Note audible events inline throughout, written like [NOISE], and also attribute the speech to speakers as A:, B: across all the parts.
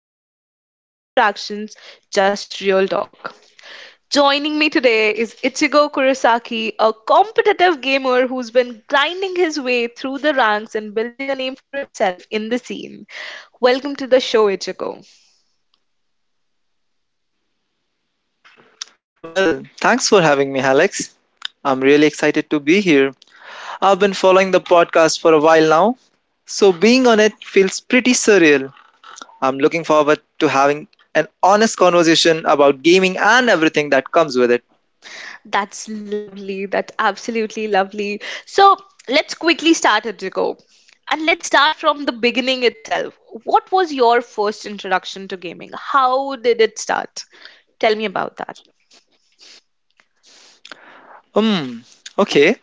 A: no panels, no distractions, just real talk. Joining me today is Ichigo Kurosaki, a competitive gamer who's been grinding his way through the ranks and building a name for himself in the scene. Welcome to the show, Ichigo.
B: Well, thanks for having me, Alex. I'm really excited to be here. I've been following the podcast for a while now, so being on it feels pretty surreal. I'm looking forward to having an honest conversation about gaming and everything that comes with it.
A: That's lovely. That's absolutely lovely. So let's quickly start it to And let's start from the beginning itself. What was your first introduction to gaming? How did it start? Tell me about that.
B: Hmm, okay.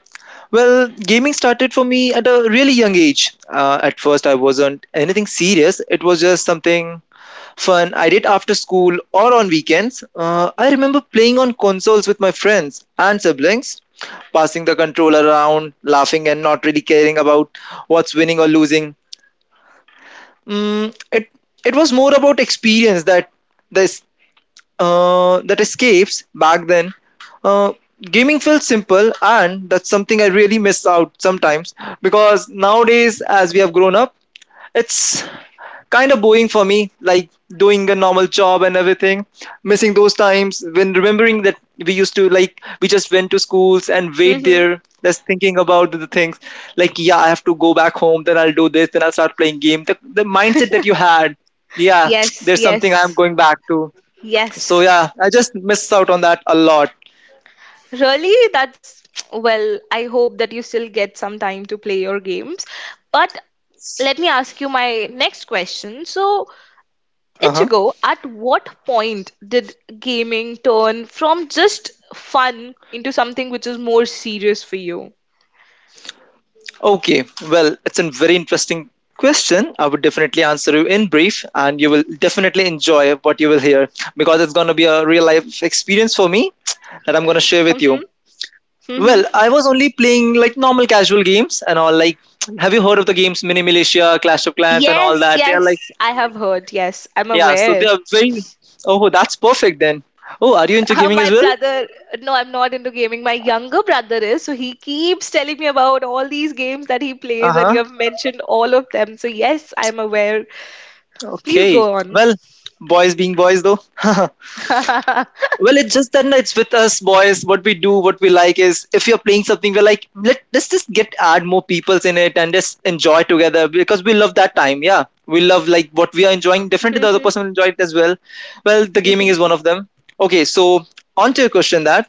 B: Well, gaming started for me at a really young age. At first, I wasn't anything serious, it was just something fun I did after school or on weekends. I remember playing on consoles with my friends and siblings, passing the controller around, laughing and not really caring about what's winning or losing. Mm, it it was more about experience that this that escapes back then. Uh, Gaming felt simple and that's something I really miss out sometimes because nowadays, as we have grown up, it's kind of boring for me, like doing a normal job and everything. Missing those times when remembering that we used to like we just went to schools and wait
A: Mm-hmm.
B: there, just thinking about the things. Like yeah, I have to go back home, then I'll do this, then I'll start playing game. The mindset that you had, yeah, [TSK] there's
A: Yes,
B: something I am
A: yes,
B: going back to. So
A: yes.
B: yeah, I just missed out on that a lot.
A: Really? That's well, I hope that you still get some time to play your games. But let me ask you my next question. So,
B: Uh huh.
A: Ichigo, at what point did gaming turn from just fun into something which is more serious for you?
B: Okay, well, it's a very interesting question. I would definitely answer you in brief, and you will definitely enjoy what you will hear because it's going to be a real life experience for me that I'm going to share with
A: Hmm.
B: you.
A: Hmm.
B: Well, I was only playing like normal casual games and all. Like, have you heard of the games Mini Militia, Clash of Clans, and all
A: Yes,
B: that? They are
A: yes,
B: like,
A: I have heard. Yes, I'm
B: yeah, so
A: aware.
B: they are
A: [LAUGHS]
B: very. Oh, that's perfect then. Oh, are you into gaming
A: My
B: as well?
A: brother, no, I'm not into gaming. My younger brother is, so he keeps telling me about all these games that he
B: Uh
A: plays, and you
B: huh.
A: have mentioned all of them. So, yes, I'm aware. Please
B: Okay.
A: go on.
B: Well, boys being boys though. [LAUGHS]
A: [LAUGHS]
B: Well, it's just that no, it's with us boys. What we do, what we like is if you're playing something, we're like, let's just get add more peoples in it and just enjoy together because we love that time. Yeah, we love like what we are enjoying. Definitely, the other
A: Mhm,
B: person will enjoy it as well. Well, the gaming
A: mhm.
B: is one of them. Okay, so on to your question that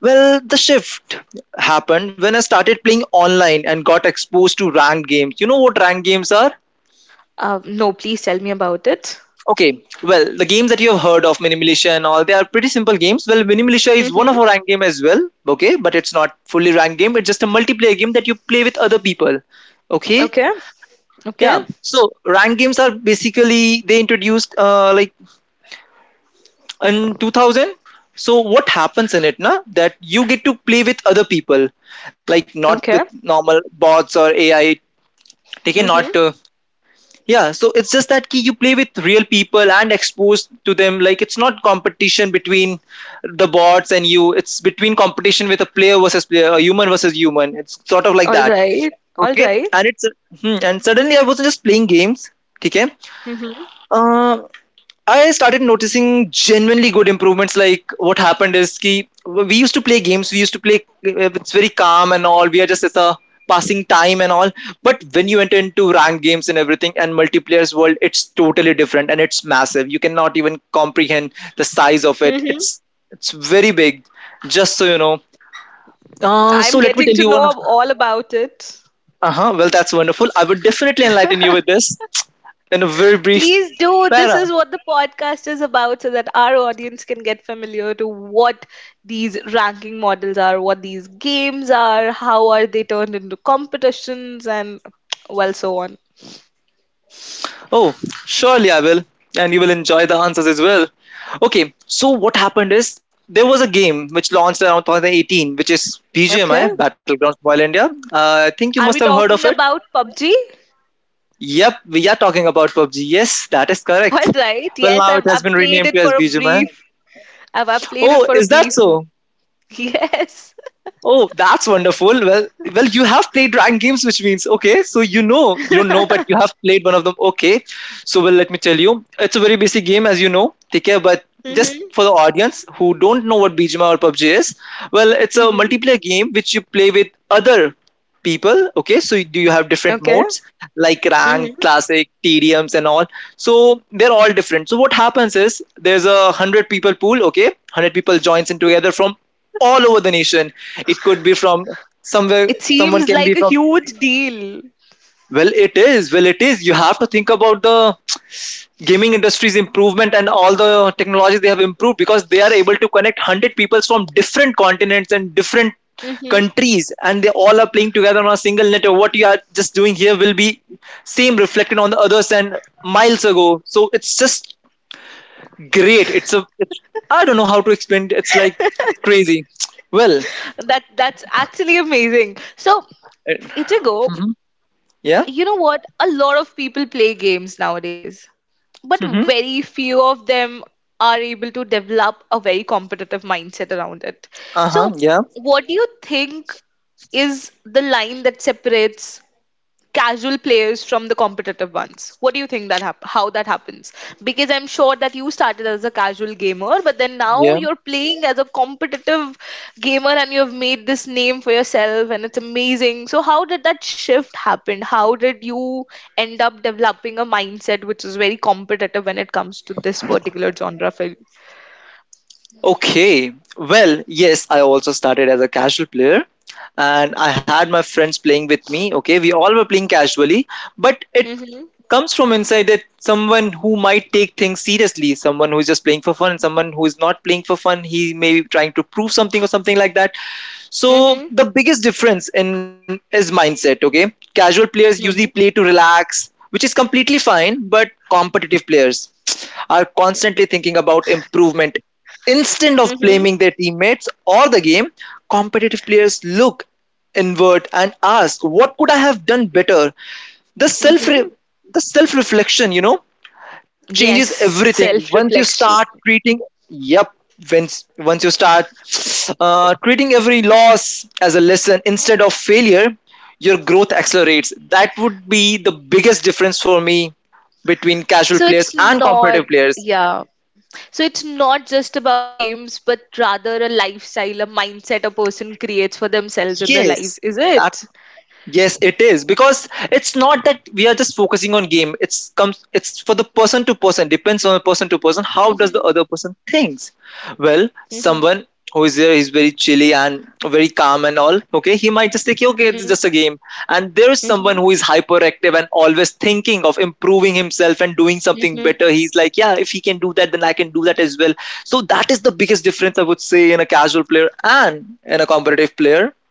B: well the shift happened when I started playing online and got exposed to ranked games. You know what ranked games are?
A: No, please tell me about it.
B: Okay, well, the games that you have heard of, Mini Militia and all, they are pretty simple games. Well, Mini Militia is one
A: Hmm.
B: of our ranked game as well, okay, but it's not fully ranked game. It's just a multiplayer game that you play with other people, okay.
A: Okay, okay.
B: Yeah, so ranked games are basically they introduced like in 2000. So what happens in it, na? That you get to play with other people, like not
A: Okay.
B: with normal bots or AI. Okay, not
A: Mm-hmm.
B: yeah, so it's just that ki you play with real people and exposed to them. Like it's not competition between the bots and you. It's between competition with a player versus player, a human versus human. It's sort of like
A: All
B: that.
A: right. All
B: Okay,
A: right.
B: and it's and suddenly I wasn't just playing games. Okay,
A: Mm-hmm.
B: Uh, I started noticing genuinely good improvements. Like what happened is ki, we used to play games. We used to play. It's very calm and all. We are just as a passing time and all. But when you enter into ranked games and everything and multiplayer's world, it's totally different and it's massive. You cannot even comprehend the size of it.
A: Mm-hmm.
B: It's very big. Just so you know. So
A: I'm
B: let me
A: getting
B: tell
A: to
B: you one
A: know
B: of.
A: of all about it.
B: Uh huh. Well, that's wonderful. I would definitely enlighten you with this in a very brief
A: Please do. This
B: para.
A: is what the podcast is about so that our audience can get familiar to what these ranking models are, what these games are, how are they turned into competitions and well so on.
B: Oh, surely I will. And you will enjoy the answers as well. Okay, so what happened is there was a game which launched around 2018, which is
A: Okay.
B: BGMI, Battlegrounds Mobile India. I think you
A: Are
B: must
A: we
B: have heard of
A: talking
B: it.
A: about PUBG?
B: Yep, we are talking about PUBG. Yes, that is
A: All
B: correct.
A: right.
B: Well,
A: Yes,
B: now
A: I've
B: it has
A: I've
B: been
A: played
B: renamed
A: it
B: to as
A: for a
B: BGMI.
A: brief. I've played it
B: Oh,
A: for a
B: is that so?
A: [LAUGHS] Yes.
B: Oh, that's wonderful. Well, you have played rank games, which means okay. So you know, you don't know, but you
A: [LAUGHS]
B: have played one of them. Okay. So well, let me tell you, it's a very basic game, as you know. Take care, but just
A: Hmm.
B: for the audience who don't know what BGMI or PUBG is, well, it's a
A: Mhm.
B: multiplayer game which you play with other people, okay? So do you have different
A: Okay.
B: modes like rank,
A: Mhm.
B: classic, TDMs and all? So they're all different. So what happens is there's a 100 people pool, okay, 100 people joins in together from all over the nation. It could be from somewhere.
A: It
B: Someone
A: seems
B: can be
A: like a
B: from,
A: huge deal.
B: well it is, well it is, you have to think about the gaming industry's improvement and all the technologies they have improved, because they are able to connect 100 peoples from different continents and different
A: Mhm.
B: countries, and they all are playing together on a single network. What you are just doing here will be same reflected on the others and miles ago. So it's just great. It's a, it's, I don't know how to explain it. It's like crazy. Well,
A: That that's actually amazing. So,
B: it-
A: Ichigo,
B: mhm. Yeah.
A: you know what? A lot of people play games nowadays,
B: Hmm.
A: but very few of them are able to develop a very competitive mindset around it.
B: Uh-huh.
A: So,
B: Yeah.
A: what do you think is the line that separates casual players from the competitive ones. What do you think that how that happens? Because I'm sure that you started as a casual gamer, but then now
B: Yeah.
A: you're playing as a competitive gamer and you've made this name for yourself and it's amazing. So how did that shift happen? How did you end up developing a mindset which is very competitive when it comes to this particular genre film?
B: Okay. Well, yes, I also started as a casual player and I had my friends playing with me. Okay, we all were playing casually, but it
A: Mm-hmm.
B: comes from inside that someone who might take things seriously, someone who is just playing for fun, someone who is not playing for fun, he may be trying to prove something or something like that. So
A: Mm-hmm.
B: the biggest difference in is mindset, okay? Casual players usually play
A: Mm-hmm.
B: to relax, which is completely fine, but competitive players are constantly thinking about improvement. Instead of
A: Mm-hmm.
B: blaming their teammates or the game, competitive players look inward and ask, "What could I have done better?" the self
A: Mm-hmm.
B: re- the self reflection, you know, changes
A: Yes,
B: everything once you start
A: self-reflection.
B: treating, yep, once you start treating every loss as a lesson instead of failure, your growth accelerates. That would be the biggest difference for me between casual
A: So
B: players
A: it's
B: and
A: not,
B: competitive players.
A: yeah. So it's not just about games, but rather a lifestyle, a mindset a person creates for themselves in their lives,
B: Yes.
A: is it?
B: Yes, it is, because it's not that we are just focusing on game. It's comes. It's for the person to person. Depends on person to person. How does the
A: Mhm,
B: other person thinks? Well,
A: mhm,
B: someone who is there is very chilly and very calm and all. Okay, he might just think, okay, it's
A: mhm,
B: just a game. And there is someone
A: mhm,
B: who is hyperactive and always thinking of improving himself and doing something
A: mhm.
B: better. He's like, yeah, if he can do that, then I can do that as well. So that is the biggest difference I would say in a casual player and in a competitive player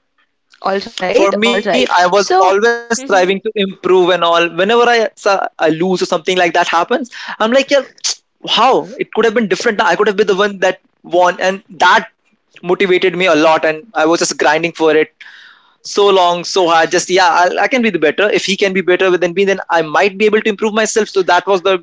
A: All right, all
B: for me.
A: right.
B: I was
A: So,
B: always
A: mhm.
B: striving to improve and all. Whenever I so- I lose or something like that happens, I'm like yeah, [TSK] how it could have been different. I could have been the one that won. And that motivated me a lot, and I was just grinding for it so long, so hard. Just yeah, I can be the better. If he can be better than me, then I might be able to improve myself. So that was the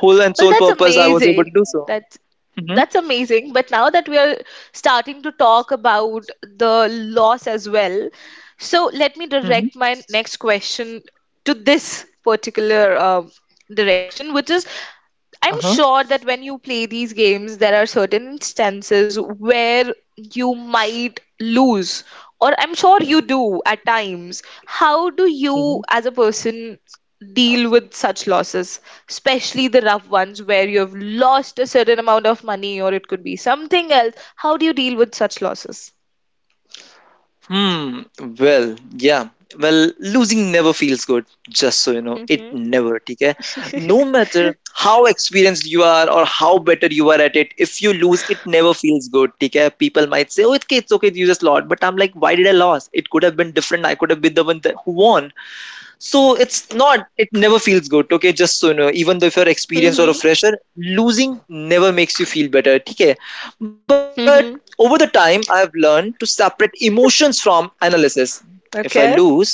B: whole and
A: Well,
B: sole
A: that's
B: purpose I was able
A: amazing.
B: to do so.
A: That's
B: Mm-hmm.
A: that's amazing. But now that we are starting to talk about the loss as well, so let me
B: Mm-hmm.
A: direct my next question to this particular direction, which is I'm sure that when you play these games, there are certain instances where you might lose, or I'm sure you do at times. How do
B: Uh-huh.
A: you, as a person, deal with such losses, especially the rough ones where you have lost a certain amount of money or it could be something else? How do you deal with such losses?
B: Hmm. Well, yeah. Well, losing never feels good. Just so you know, it
A: Hmm.
B: never. Okay. No matter how experienced you are or how better you are at it, if you lose, it never feels good. Okay. People might say, "Oh, it's okay, you just lost." But I'm like, why did I lose? It could have been different. I could have been the one that who won. So it's not, it never feels good. Okay, just so you know, even though if you're experienced or a
A: Hmm.
B: fresher, losing never makes you feel better. Okay, but over the
A: Hmm.
B: time, I've learned to separate emotions from analysis.
A: [LAUGHS]
B: If I
A: Okay.
B: lose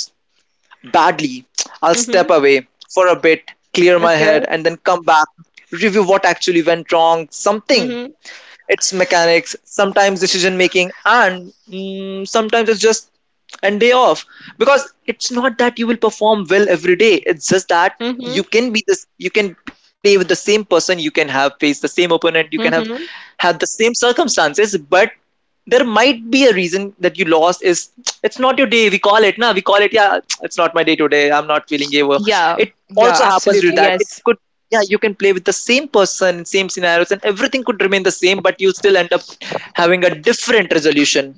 B: badly, I'll step
A: Hmm.
B: away for a bit, clear my head,
A: Okay.
B: and then come back, review what actually went wrong, something
A: Hmm.
B: its mechanics, sometimes decision making, and sometimes it's just and day off because it's not that you will perform well every day. It's just that you
A: Hmm.
B: can be this, you can play with the same person, you can have faced the same opponent, you can have
A: Hmm.
B: had the same circumstances, but there might be a reason that you lost is it's not your day. We call it, yeah it's not my day today, I'm not feeling gay well,
A: Yeah.
B: it
A: Yeah,
B: also happens
A: absolutely.
B: with that it
A: Yes.
B: could. Yeah, you can play with the same person, same scenarios, and everything could remain the same, but you'll still end up having a different resolution.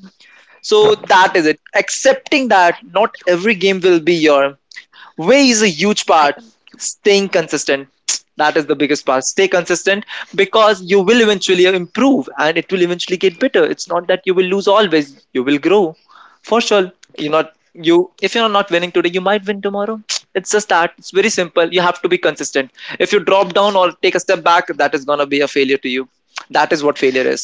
B: So that is it, accepting
A: I,
B: that not every game will be your way is a huge
A: I
B: part.
A: am
B: Staying consistent, that is the biggest part. Stay consistent, because you will eventually improve and it will eventually
A: give
B: get
A: me
B: better. It's
A: fucking
B: not
A: minute.
B: that you will lose always, you will grow for sure. you're not you if you're not winning today, you might win tomorrow. It's just that it's very simple: you have to be consistent. If you drop down or take a step back, that is gonna be a failure to you. That is what failure is.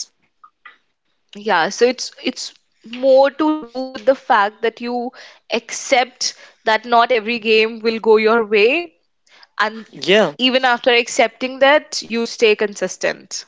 A: Yeah, so it's more to do with the fact that you accept that not every game will go your way, and
B: Yeah.
A: even after accepting that, you stay consistent.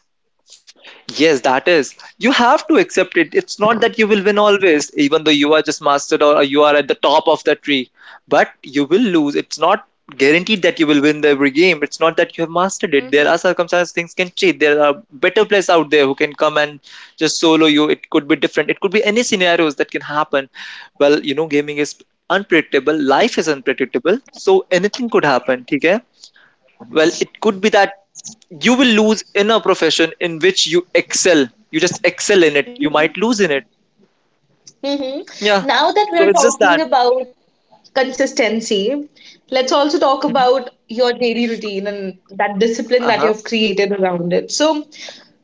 B: Yes, that is. You have to accept it. It's not that you will win always, even though you are just mastered or you are at the top of the tree. But you will lose. It's not guaranteed that you will win every game. It's not that you have mastered it. There are
A: Hmm.
B: circumstances, things can change. There are better players out there who can come and just solo you. It could be different. It could be any scenarios that can happen. Well, you know, gaming is unpredictable. Life is unpredictable. So anything could happen. ठीक है? Well, it could be that you will lose in a profession in which you excel. You just excel in it. You might
A: Mm-hmm.
B: lose in it. Yeah.
A: Mm-hmm. Now that
B: So
A: we're
B: it's just
A: talking
B: that.
A: about consistency, let's also talk
B: Mhm.
A: about your daily routine and that discipline that
B: Uh-huh.
A: you've created around it. So,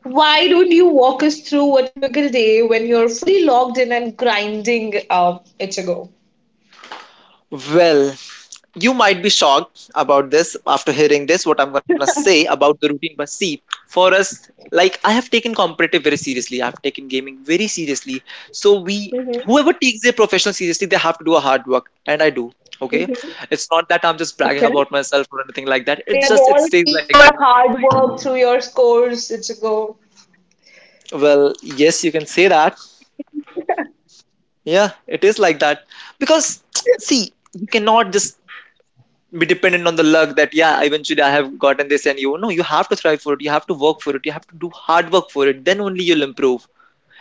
A: why don't you walk us through a typical day when you're fully logged in and grinding it?
B: Well, you might be shocked about this after hearing this, what I'm going to say about the routine. But see, for us, like I have taken competitive very seriously. I've taken gaming very seriously. So we, whoever takes their profession seriously, they have to do a hard work. And I do. Okay. It's not that I'm just bragging about myself or anything like that.
A: We
B: It's
A: have
B: just, it
A: all
B: stays
A: seen
B: like that.
A: your hard work through your scores, it's
B: Well, yes, you can say that. Yeah, it is like that. Because, see, you cannot just be dependent on the luck that, yeah, eventually I have gotten this and you. No, you have to thrive for it. You have to work for it. You have to do hard work for it. Then only you'll improve.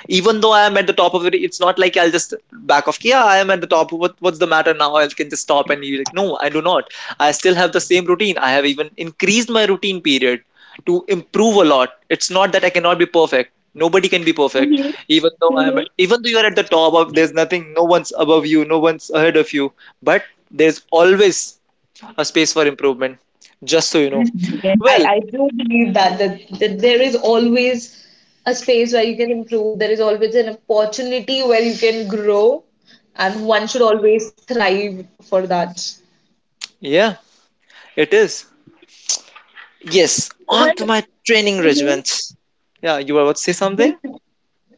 B: Even though I am at the top of it, it's not like I'll just back off. Yeah, I am at the top. What's the matter now? I can just stop. And you're like, no, I do not. I still have the same routine. I have even increased my routine period to improve a lot. It's not that I cannot be perfect. Nobody can be perfect. Even though I am, even though you are at the top of, there's nothing. No one's above you. No one's ahead of you. But there's always a space for improvement. Just so you know.
A: Yes, I,
B: Well,
A: I do believe that, that there is always a space where you can improve. There is always an opportunity where you can grow, and one should always thrive for that.
B: yeah, it is. Yes,
A: Well,
B: on to my training
A: mhm.
B: regiment. Yeah, you were about to say something?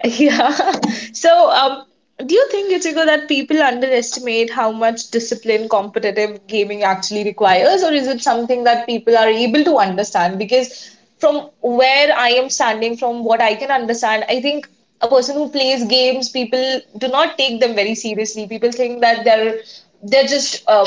A: Yeah. [LAUGHS] So, do you think, Ichigo, that people underestimate how much discipline competitive gaming actually requires, or is it something that people are able to understand? Because from where I am standing, from what I can understand, I think a person who plays games, people do not take them very seriously. People think that they're just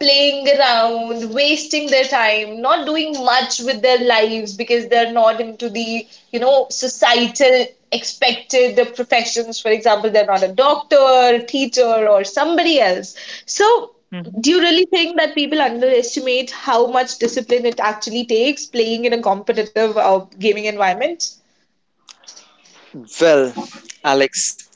A: playing around, wasting their time, not doing much with their lives because they're not into the, you know, societal expected the professions. For example, they're not a doctor, teacher, or somebody else. So,
B: Mhm.
A: do you really think that people underestimate how much discipline it actually takes playing in a competitive gaming environment?
B: Well, Alex,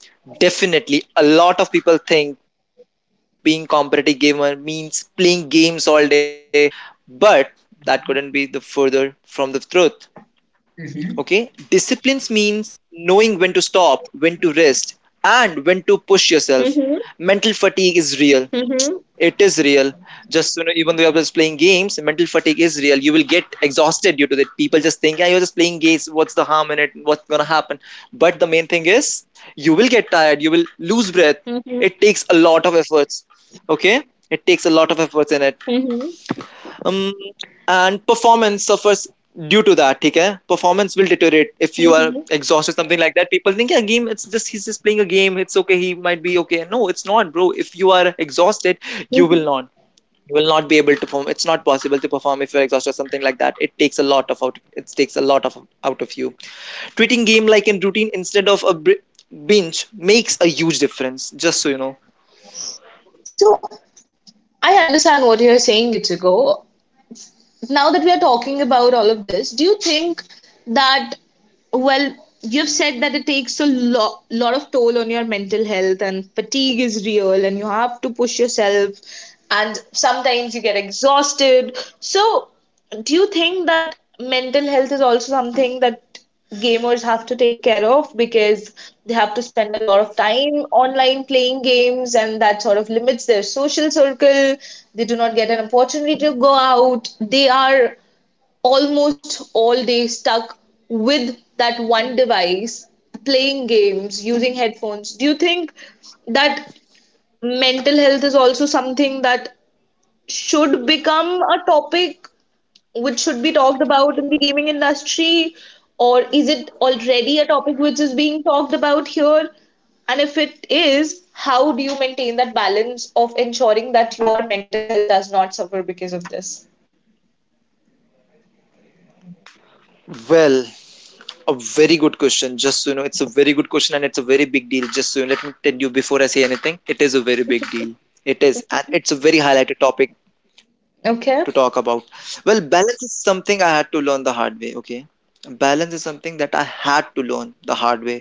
B: definitely a lot of people think being competitive gamer means playing games all day, but that couldn't be the further from the truth. Okay? Disciplines means knowing when to stop, when to rest, and when to push yourself.
A: Mm-hmm.
B: Mental fatigue is real.
A: Mm-hmm.
B: It is real. Just you know, even though you're just playing games, mental fatigue is real. You will get exhausted due to that. People just think, yeah, you're just playing games. What's the harm in it? What's gonna happen? But the main thing is, you will get tired. You will lose breath.
A: Mm-hmm.
B: It takes a lot of efforts. Okay, it takes a lot of efforts in it, um, and performance suffers due to that. ठीक है, performance will deteriorate if you are
A: Mm-hmm.
B: exhausted, something like that. People think, yeah, game, it's just he's just playing a game, it's okay, he might be okay. No, it's not, bro. If you are exhausted, you
A: Mm-hmm.
B: will not you will not be able to perform. It's not possible to perform if you're exhausted or something like that. It takes a lot of out, it takes a lot of out of you. Treating game like a routine instead of a binge makes a huge difference, just so you know.
A: So I understand what you're saying, Ichigo. Now that we are talking about all of this, do you think that, well, you've said that it takes a lot of toll on your mental health and fatigue is real and you have to push yourself and sometimes you get exhausted. So, do you think that mental health is also something that gamers have to take care of because they have to spend a lot of time online playing games and that sort of limits their social circle? They do not get an opportunity to go out. They are almost all day stuck with that one device, playing games, using headphones. Do you think that mental health is also something that should become a topic which should be talked about in the gaming industry? Or is it already a topic which is being talked about here? And if it is, how do you maintain that balance of ensuring that your mental health does not suffer because of this?
B: Well, a very good question. Just so you know, it's a very good question and it's a very big deal. Just so you let me tell you before I say anything, it is a very big deal. It is, and it's a very highlighted topic
A: Okay.
B: to talk about. Well, balance is something I had to learn the hard way. Okay, balance is something that I had to learn the hard way.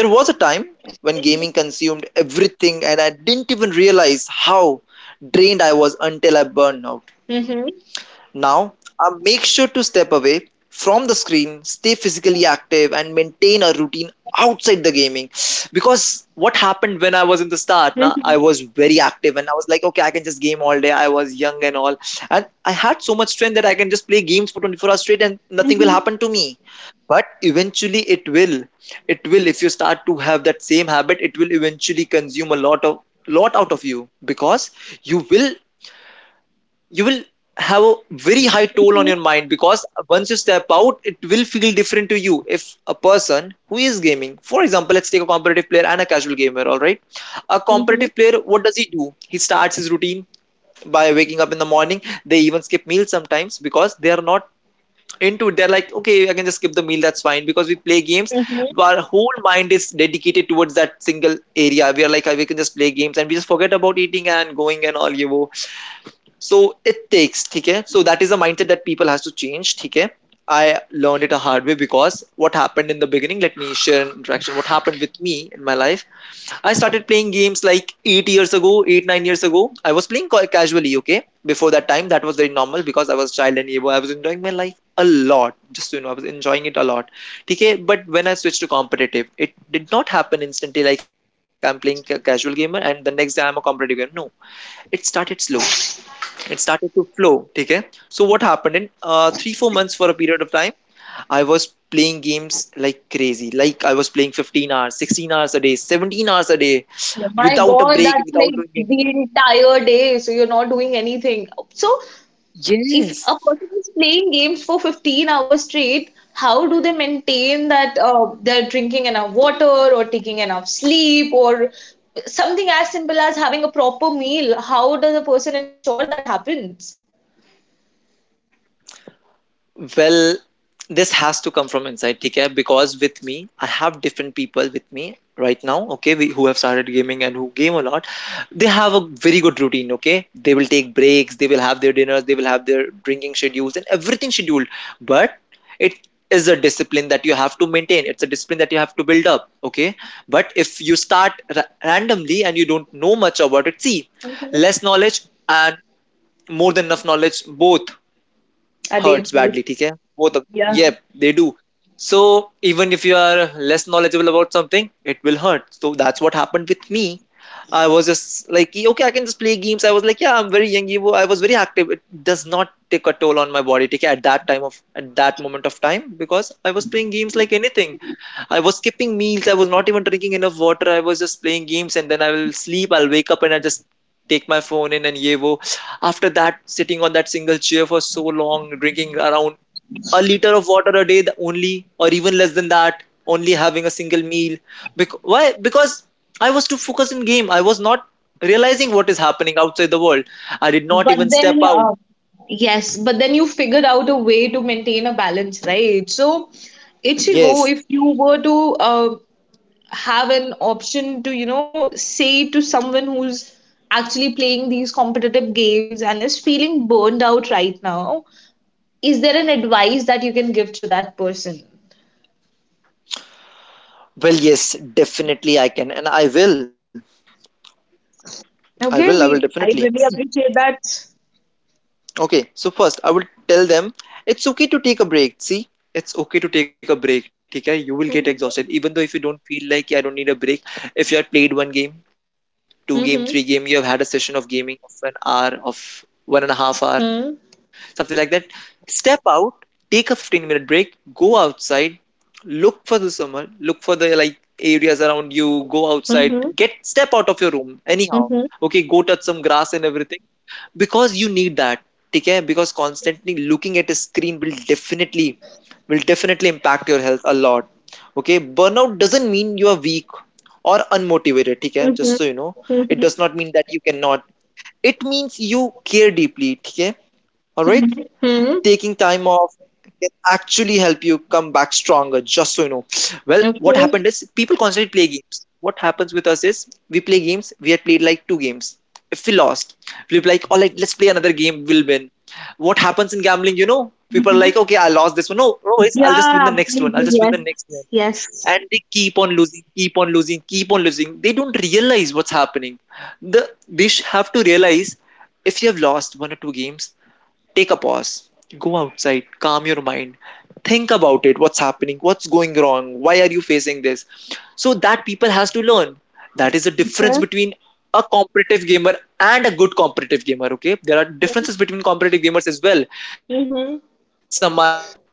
B: There was a time when gaming consumed everything, and I didn't even realize how drained I was until I burned out.
A: Mm-hmm.
B: Now, make sure to step away from the screen, stay physically active, and maintain a routine outside the gaming. Because what happened when I was in the start, na, I
A: Mm-hmm.
B: was very active and I was like, okay, I can just game all day. I was young and all. And I had so much strength that I can just play games for 24 hours straight and nothing will
A: Mm-hmm.
B: happen to me. But eventually, it will. It will, if you start to have that same habit, it will eventually consume a lot out of you because you will you will have a very high toll on your mind because once you step out it will feel different to you. If a person who is gaming, for example, let's take a competitive player and a casual gamer, all right, a
A: Mm-hmm.
B: competitive player, what does he do? He starts his routine by waking up in the morning. They even skip meals sometimes because they are not into it. They're like, okay, I can just skip the meal, that's fine, because we play games,
A: Mm-hmm.
B: our whole mind is dedicated towards that single area. We are like, "Ah, we can just play games and we just forget about eating and going and all, you know. So it takes, okay? So that is a mindset that people has to change, okay? I learned it a hard way because what happened in the beginning, let me share an interaction. What happened with me in my life? I started playing games like 8 years ago, eight, 9 years ago. I was playing casually, okay? Before that time, that was very normal because I was child and able. I was enjoying my life a lot. Just so you know, I was enjoying it a lot. Okay, but when I switched to competitive, it did not happen instantly like I'm playing a casual gamer and the next day I'm a competitive gamer. No, it started slow, it started to flow, okay. So what happened in 3 4 months, for a period of time I was playing games like crazy, like I was playing 15 hours, 16 hours a day, 17 hours a day
A: My God,
B: without a
A: that's
B: break,
A: like
B: without doing
A: the
B: anything.
A: entire day. So you're not doing anything. So if a person
B: Yes.
A: is playing games for 15 hours straight, how do they maintain that they're drinking enough water or taking enough sleep or something as simple as having a proper meal? How does a person ensure that happens?
B: Well, this has to come from inside, okay? Because with me, I have different people with me right now, okay, we, who have started gaming and who game a lot. They have a very good routine, okay? They will take breaks, they will have their dinners, they will have their drinking schedules and everything scheduled. But it is a discipline that you have to maintain. It's a discipline that you have to build up, okay? But if you start randomly and you don't know much about it, see,
A: Mhm.
B: less knowledge and more than enough knowledge both
A: Are they
B: hurts badly. ठीक है वो तब,
A: Yeah.
B: yep, they do. So even if you are less knowledgeable about something, it will hurt. So that's what happened with me. I was just like, okay, I can just play games. I was like, yeah, I'm very young, ये वो, I was very active, it does not take a toll on my body. ठीक है, at that time of at that moment of time, because I was playing games like anything, I was skipping meals. I was not even drinking enough water. I was just playing games, and then I will sleep. I'll wake up and I just take my phone in and yevo. After that, sitting on that single chair for so long, drinking around a liter of water a day only, or even less than that. Only having a single meal. Why? Because I was too focused in game. I was not realizing what is happening outside the world. I did not
A: But
B: even step
A: then,
B: out.
A: uh, Yes, but then you figured out a way to maintain a balance, right? So, Ichigo,
B: Yes.
A: if you were to uh, have an option to you know say to someone who's actually playing these competitive games and is feeling burned out right now is there an advice that you can give to that person
B: Well, yes, definitely I can, and I will. I will. I
A: okay
B: will
A: we I
B: definitely.
A: really appreciate that
B: Okay, so first I will tell them it's okay to take a break. See, it's okay to take a break. Okay, you will get exhausted, even though if you don't feel like "Yeah, I don't need a break. If you have played one game, two game, three game, you
A: mm-hmm.
B: have had a session of gaming of an hour, of 1.5 hour,
A: Mm-hmm.
B: something like that. Step out, take a 15 minute break, go outside, look for the summer, look for the like areas around you. Go outside,
A: Mm-hmm.
B: get step out of your room anyhow.
A: Mm-hmm.
B: Okay, go touch some grass and everything because you need that ठीक है, because constantly looking at a screen will definitely impact your health a lot. Okay, burnout doesn't mean you are weak or unmotivated ठीक है, just
A: Mm-hmm.
B: so you know. It
A: Mm-hmm.
B: does not mean that you cannot. It means you care deeply ठीक है, all right.
A: Mm-hmm.
B: Taking time off can actually help you come back stronger, just so you know. Well, what
A: Okay.
B: happened is people constantly play games. What happens with us is we play games, we had played like two games. If we lost, we'll be like, all right, let's play another game, we'll win. What happens in gambling, you know? People are
A: Mm-hmm.
B: like, okay, I lost this one, no, no worries, I'll just win
A: Yeah,
B: the next one, I'll
A: absolutely,
B: just win the next one.
A: yes, yes.
B: And they keep on losing, keep on losing, keep on losing, they don't realize what's happening. They have to realize, if you have lost one or two games, take a pause, go outside, calm your mind, think about it, what's happening, what's going wrong, why are you facing this? So that people has to learn. That is the difference
A: Okay.
B: between a competitive gamer and a good competitive gamer. Okay,
A: Okay.
B: there are differences between competitive gamers as well.
A: Mm-hmm.
B: Some are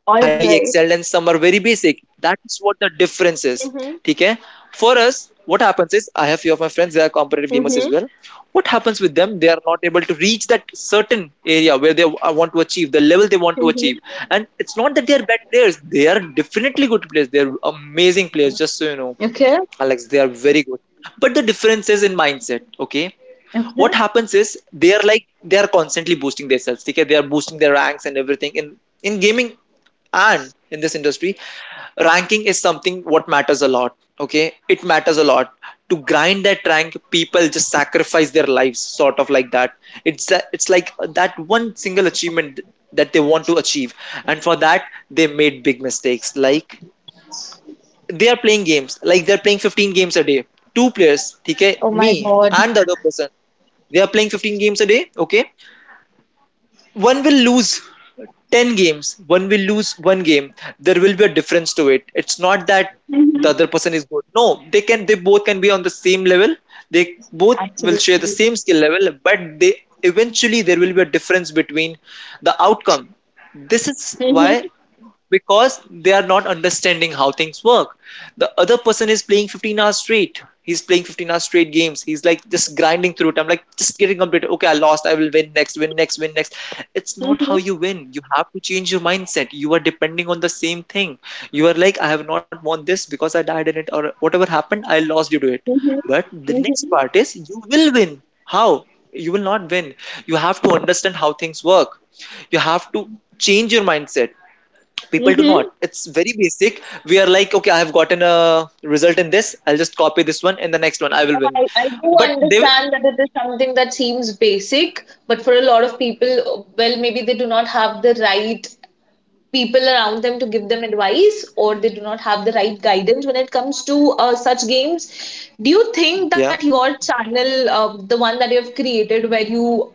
B: highly excelled and some are very basic. That is what the difference is. Okay, for us, what happens is, I have few of my friends, they are competitive gamers as well. What happens with them, they are not able to reach that certain area where they want to achieve, the level they want to achieve. And it's not that they are bad players, they are definitely good players, they're amazing players, just so you know.
A: Okay.
B: Alex, they are very good, but the difference is in mindset, okay?
A: Okay.
B: What happens is, they are like, they are constantly boosting themselves, okay, they are boosting their ranks and everything in gaming, and in this industry, ranking is something what matters a lot, okay, it matters a lot. To grind that rank, people just sacrifice their lives, sort of like that. It's like that one single achievement that they want to achieve, and for that they made big mistakes, like they are playing games, like they're playing 15 games a day. Two players, okay,
A: Oh my
B: me
A: god.
B: and the other person, they are playing 15 games a day. Okay, one will lose 10 games, one will lose one game, there will be a difference to it. It's not that the
A: Mm-hmm.
B: other person is good. No, they both can be on the same level. They both will share the
A: Absolutely.
B: same skill level, but they, eventually, there will be a difference between the outcome. This is
A: Mm-hmm.
B: why. Because they are not understanding how things work. The other person is playing 15 hours straight. He's playing 15 hours straight games. He's like just grinding through it. I'm like just getting completed. Okay, I lost. I will win next, win next, win next. It's not how
A: Mm-hmm.
B: you win. You have to change your mindset. You are depending on the same thing. You are like, I have not won this because I died in it, or whatever happened, I lost due to it. But the next part is, you will win. How? You will not win. You have to understand how things work, you have to change your mindset. People do
A: Mm-hmm.
B: not. It's very basic. We are like, okay, I have gotten a result in this, I'll just copy this one, and the next one I will win.
A: I do
B: But they,
A: understand that it is something that seems basic, but for a lot of people, well, maybe they do not have the right people around them to give them advice, or they do not have the right guidance when it comes to such games. Do you think
B: yeah.
A: that your channel, the one that you have created, where you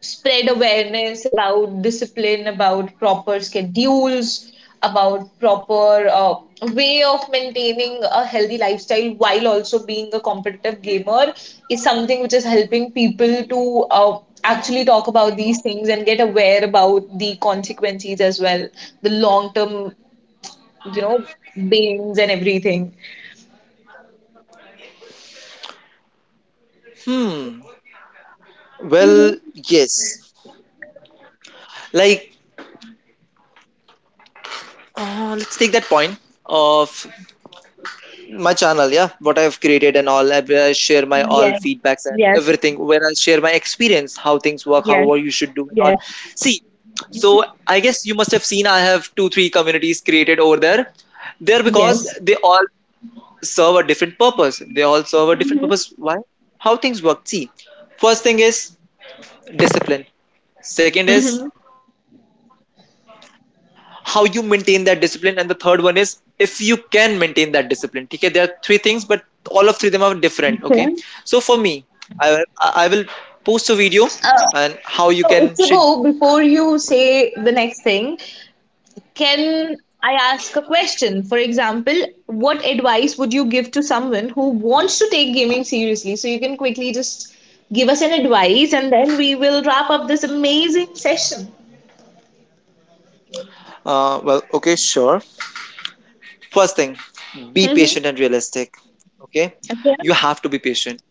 A: spread awareness about discipline, about proper schedules, about proper way of maintaining a healthy lifestyle while also being a competitive gamer is something which is helping people to actually talk about these things and get aware about the consequences as well, the long term, you know, beings and everything.
B: Hmm.
A: Mm-hmm.
B: Well, yes, like, let's take that point of my channel. Yeah, what I've created and all. Where I share my all
A: Yes.
B: feedbacks and
A: Yes.
B: everything, where I share my experience, how things work, how,
A: Yes.
B: what you should do, and all.
A: Yes.
B: See, so I guess you must have seen I have two three communities created over there, because
A: Yes.
B: they all serve a different purpose. They all serve a different
A: Mm-hmm.
B: purpose. Why? How things work. See, first thing is discipline. Second is how you maintain that discipline. And the third one is if you can maintain that discipline. Okay, there are three things, but all of three of them are different. Okay.
A: Hmm.
B: So for me, I will post a video,
A: Uh,
B: and how you
A: so,
B: can should,
A: Ichigo, before you say the next thing, can I ask a question? For example, what advice would you give to someone who wants to take gaming seriously? So, you can quickly just give us an advice and then we will wrap up this amazing session.
B: well, okay, sure. First thing, be
A: Mhm.
B: patient and realistic. Okay,
A: Okay.
B: you have to be patient.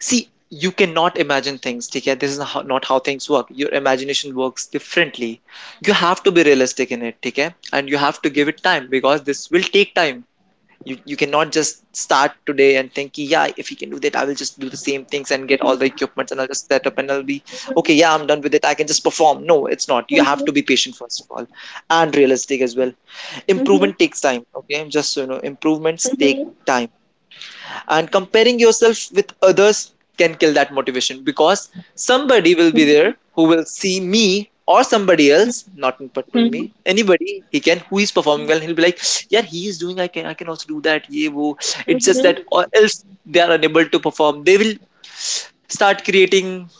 B: See, you cannot imagine things, ठीक है? This is how, not how things work. Your imagination works differently. You have to be realistic in it, ठीक है? And you have to give it time, because this will take time. You cannot just start today and think, yeah, if he can do that, I will just do the same things and get all the equipment and I'll just set up and I'll be, okay, yeah, I'm done with it, I can just perform. No, it's not. You have
A: Mhm.
B: to be patient, first of all, and realistic as well.
A: Mhm.
B: Improvement takes time, okay? Just so you know, improvements take time, and comparing yourself with others can kill that motivation. Because somebody will be there who will see me, or somebody else, not in particular me, anybody, he can, who is performing well, and he'll be like, yeah, he is doing, I can also do that, yeah wo. It's just that,
A: Mhm.
B: or else they are unable to perform, they will start creating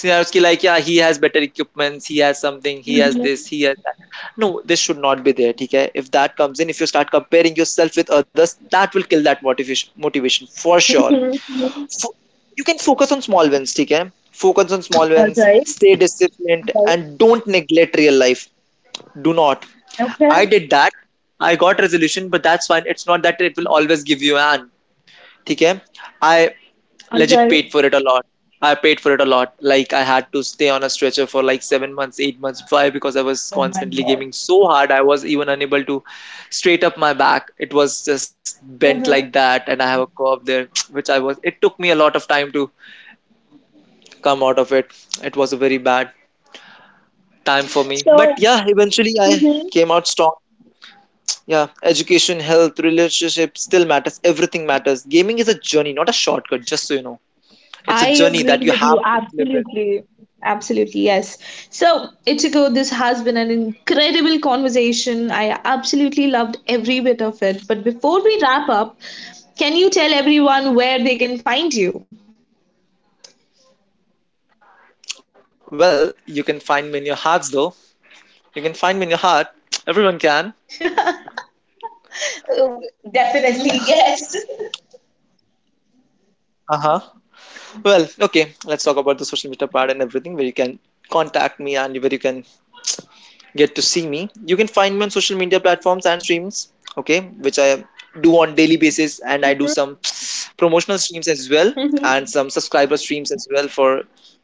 B: scenarios, ki, like, yeah, he has better equipments, he has something, he has
A: Mhm.
B: this, he has that, no, this should not be there, theek hai. If that comes in, if you start comparing yourself with others, that will kill that motivation, motivation for sure.
A: Mhm.
B: Fo- you can focus on small wins, theek hai. Focus on small
A: All
B: wins,
A: right.
B: stay disciplined,
A: All right.
B: and don't neglect real life. Do not.
A: Okay.
B: I did that, I got resolution, but that's fine. It's not that it will always give you an, theek hai, I
A: All
B: legit
A: right.
B: paid for it a lot. I paid for it a lot. Like, I had to stay on a stretcher for like 7 months, 8 months. Why? Because I was
A: Oh my
B: constantly
A: God.
B: gaming so hard. I was even unable to straight up my back. It was just bent like
A: Mhm.
B: that, and I have a curve there, [TSK] which I was. It took me a lot of time to come out of it. It was a very bad time for me. But
A: So,
B: yeah, eventually I
A: mhm.
B: came out strong. Yeah, education, health, relationship still matters. Everything matters. Gaming is a journey, not a shortcut. Just so you know,
A: I
B: it's a
A: agree
B: journey
A: with
B: that you
A: you.
B: have to live.
A: Absolutely. Absolutely. Yes. So, Ichiko, this has been an incredible conversation. I absolutely loved every bit of it. But before we wrap up, can you tell everyone where they can find you?
B: Well, you can find me in your hearts, though. You can find me in your heart. [TSK] Everyone can.
A: Oh, definitely, yes.
B: Uh huh. Well, okay. Let's talk about the social media part and everything, where you can contact me and where you can get to see me. You can find me on social media platforms and streams, okay, which I do on daily basis, and I do some [TSK] promotional streams as well,
A: Mhm.
B: and some subscriber streams as well for,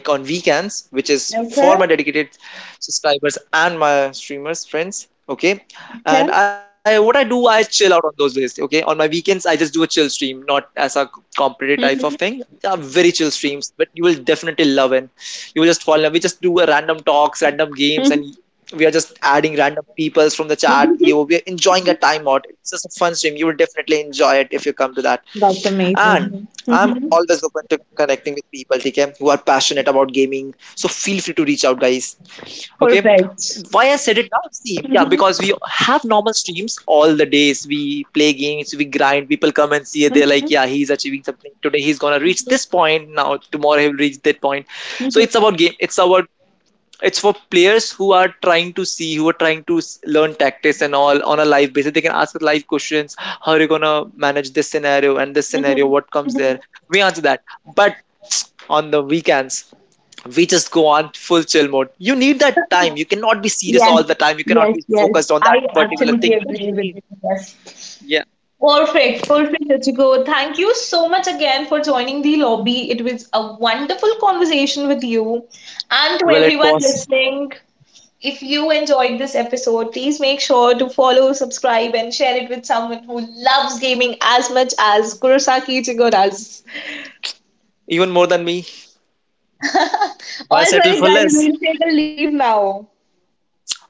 B: like, on weekends, which is
A: Okay.
B: for my dedicated subscribers and my streamers friends. Okay,
A: Okay.
B: and I what I do, I chill out on those days. Okay, on my weekends, I just do a chill stream, not as a competitive type of thing.
A: Mhm.
B: They are very chill streams, but you will definitely love it. You will just fall in love. We just do a random talks, random
A: Mhm.
B: games,
A: Mhm.
B: and we are just adding random peoples from the chat. We are
A: [LAUGHS]
B: enjoying a time out. It's just a fun stream. You will definitely enjoy it if you come to that.
A: That's
B: And
A: amazing.
B: I'm
A: Mhm.
B: always open to connecting with people, okay, who are passionate about gaming. So feel free to reach out, guys. Okay.
A: Perfect.
B: Why I said it now? See, yeah,
A: Mhm.
B: because we have normal streams all the days. We play games, we grind. People come and see it. They're like,
A: Mhm.
B: yeah, he's achieving something today, he's gonna reach this point now, tomorrow he'll reach that point. So
A: Mhm.
B: it's about game. It's for players who are trying to see, who are trying to learn tactics and all on a live basis. They can ask live questions, how are you going to manage this scenario and this scenario, what comes
A: Mhm.
B: there, we answer that. But on the weekends, we just go on full chill mode. You need that time. You cannot be serious
A: Yes,
B: all the time. You cannot
A: yes,
B: be
A: yes.
B: focused on that
A: I
B: particular
A: absolutely
B: thing.
A: agree
B: You
A: with
B: need,
A: you. Yes.
B: yeah.
A: Perfect, perfect, Ruchiko. Thank you so much again for joining the lobby. It was a wonderful conversation with you. And to
B: Well, it
A: everyone
B: was,
A: listening, if you enjoyed this episode, please make sure to follow, subscribe, and share it with someone who loves gaming as much as Kurosaki Ichigo does.
B: even more than me.
A: [LAUGHS]
B: Why
A: All
B: settle
A: right,
B: for
A: guys,
B: less?
A: we'll take a leave now.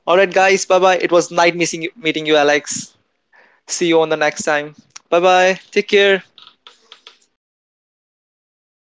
B: All right, guys, bye bye, it was nice meeting you, Alex. See you on the next time. Bye bye, take care.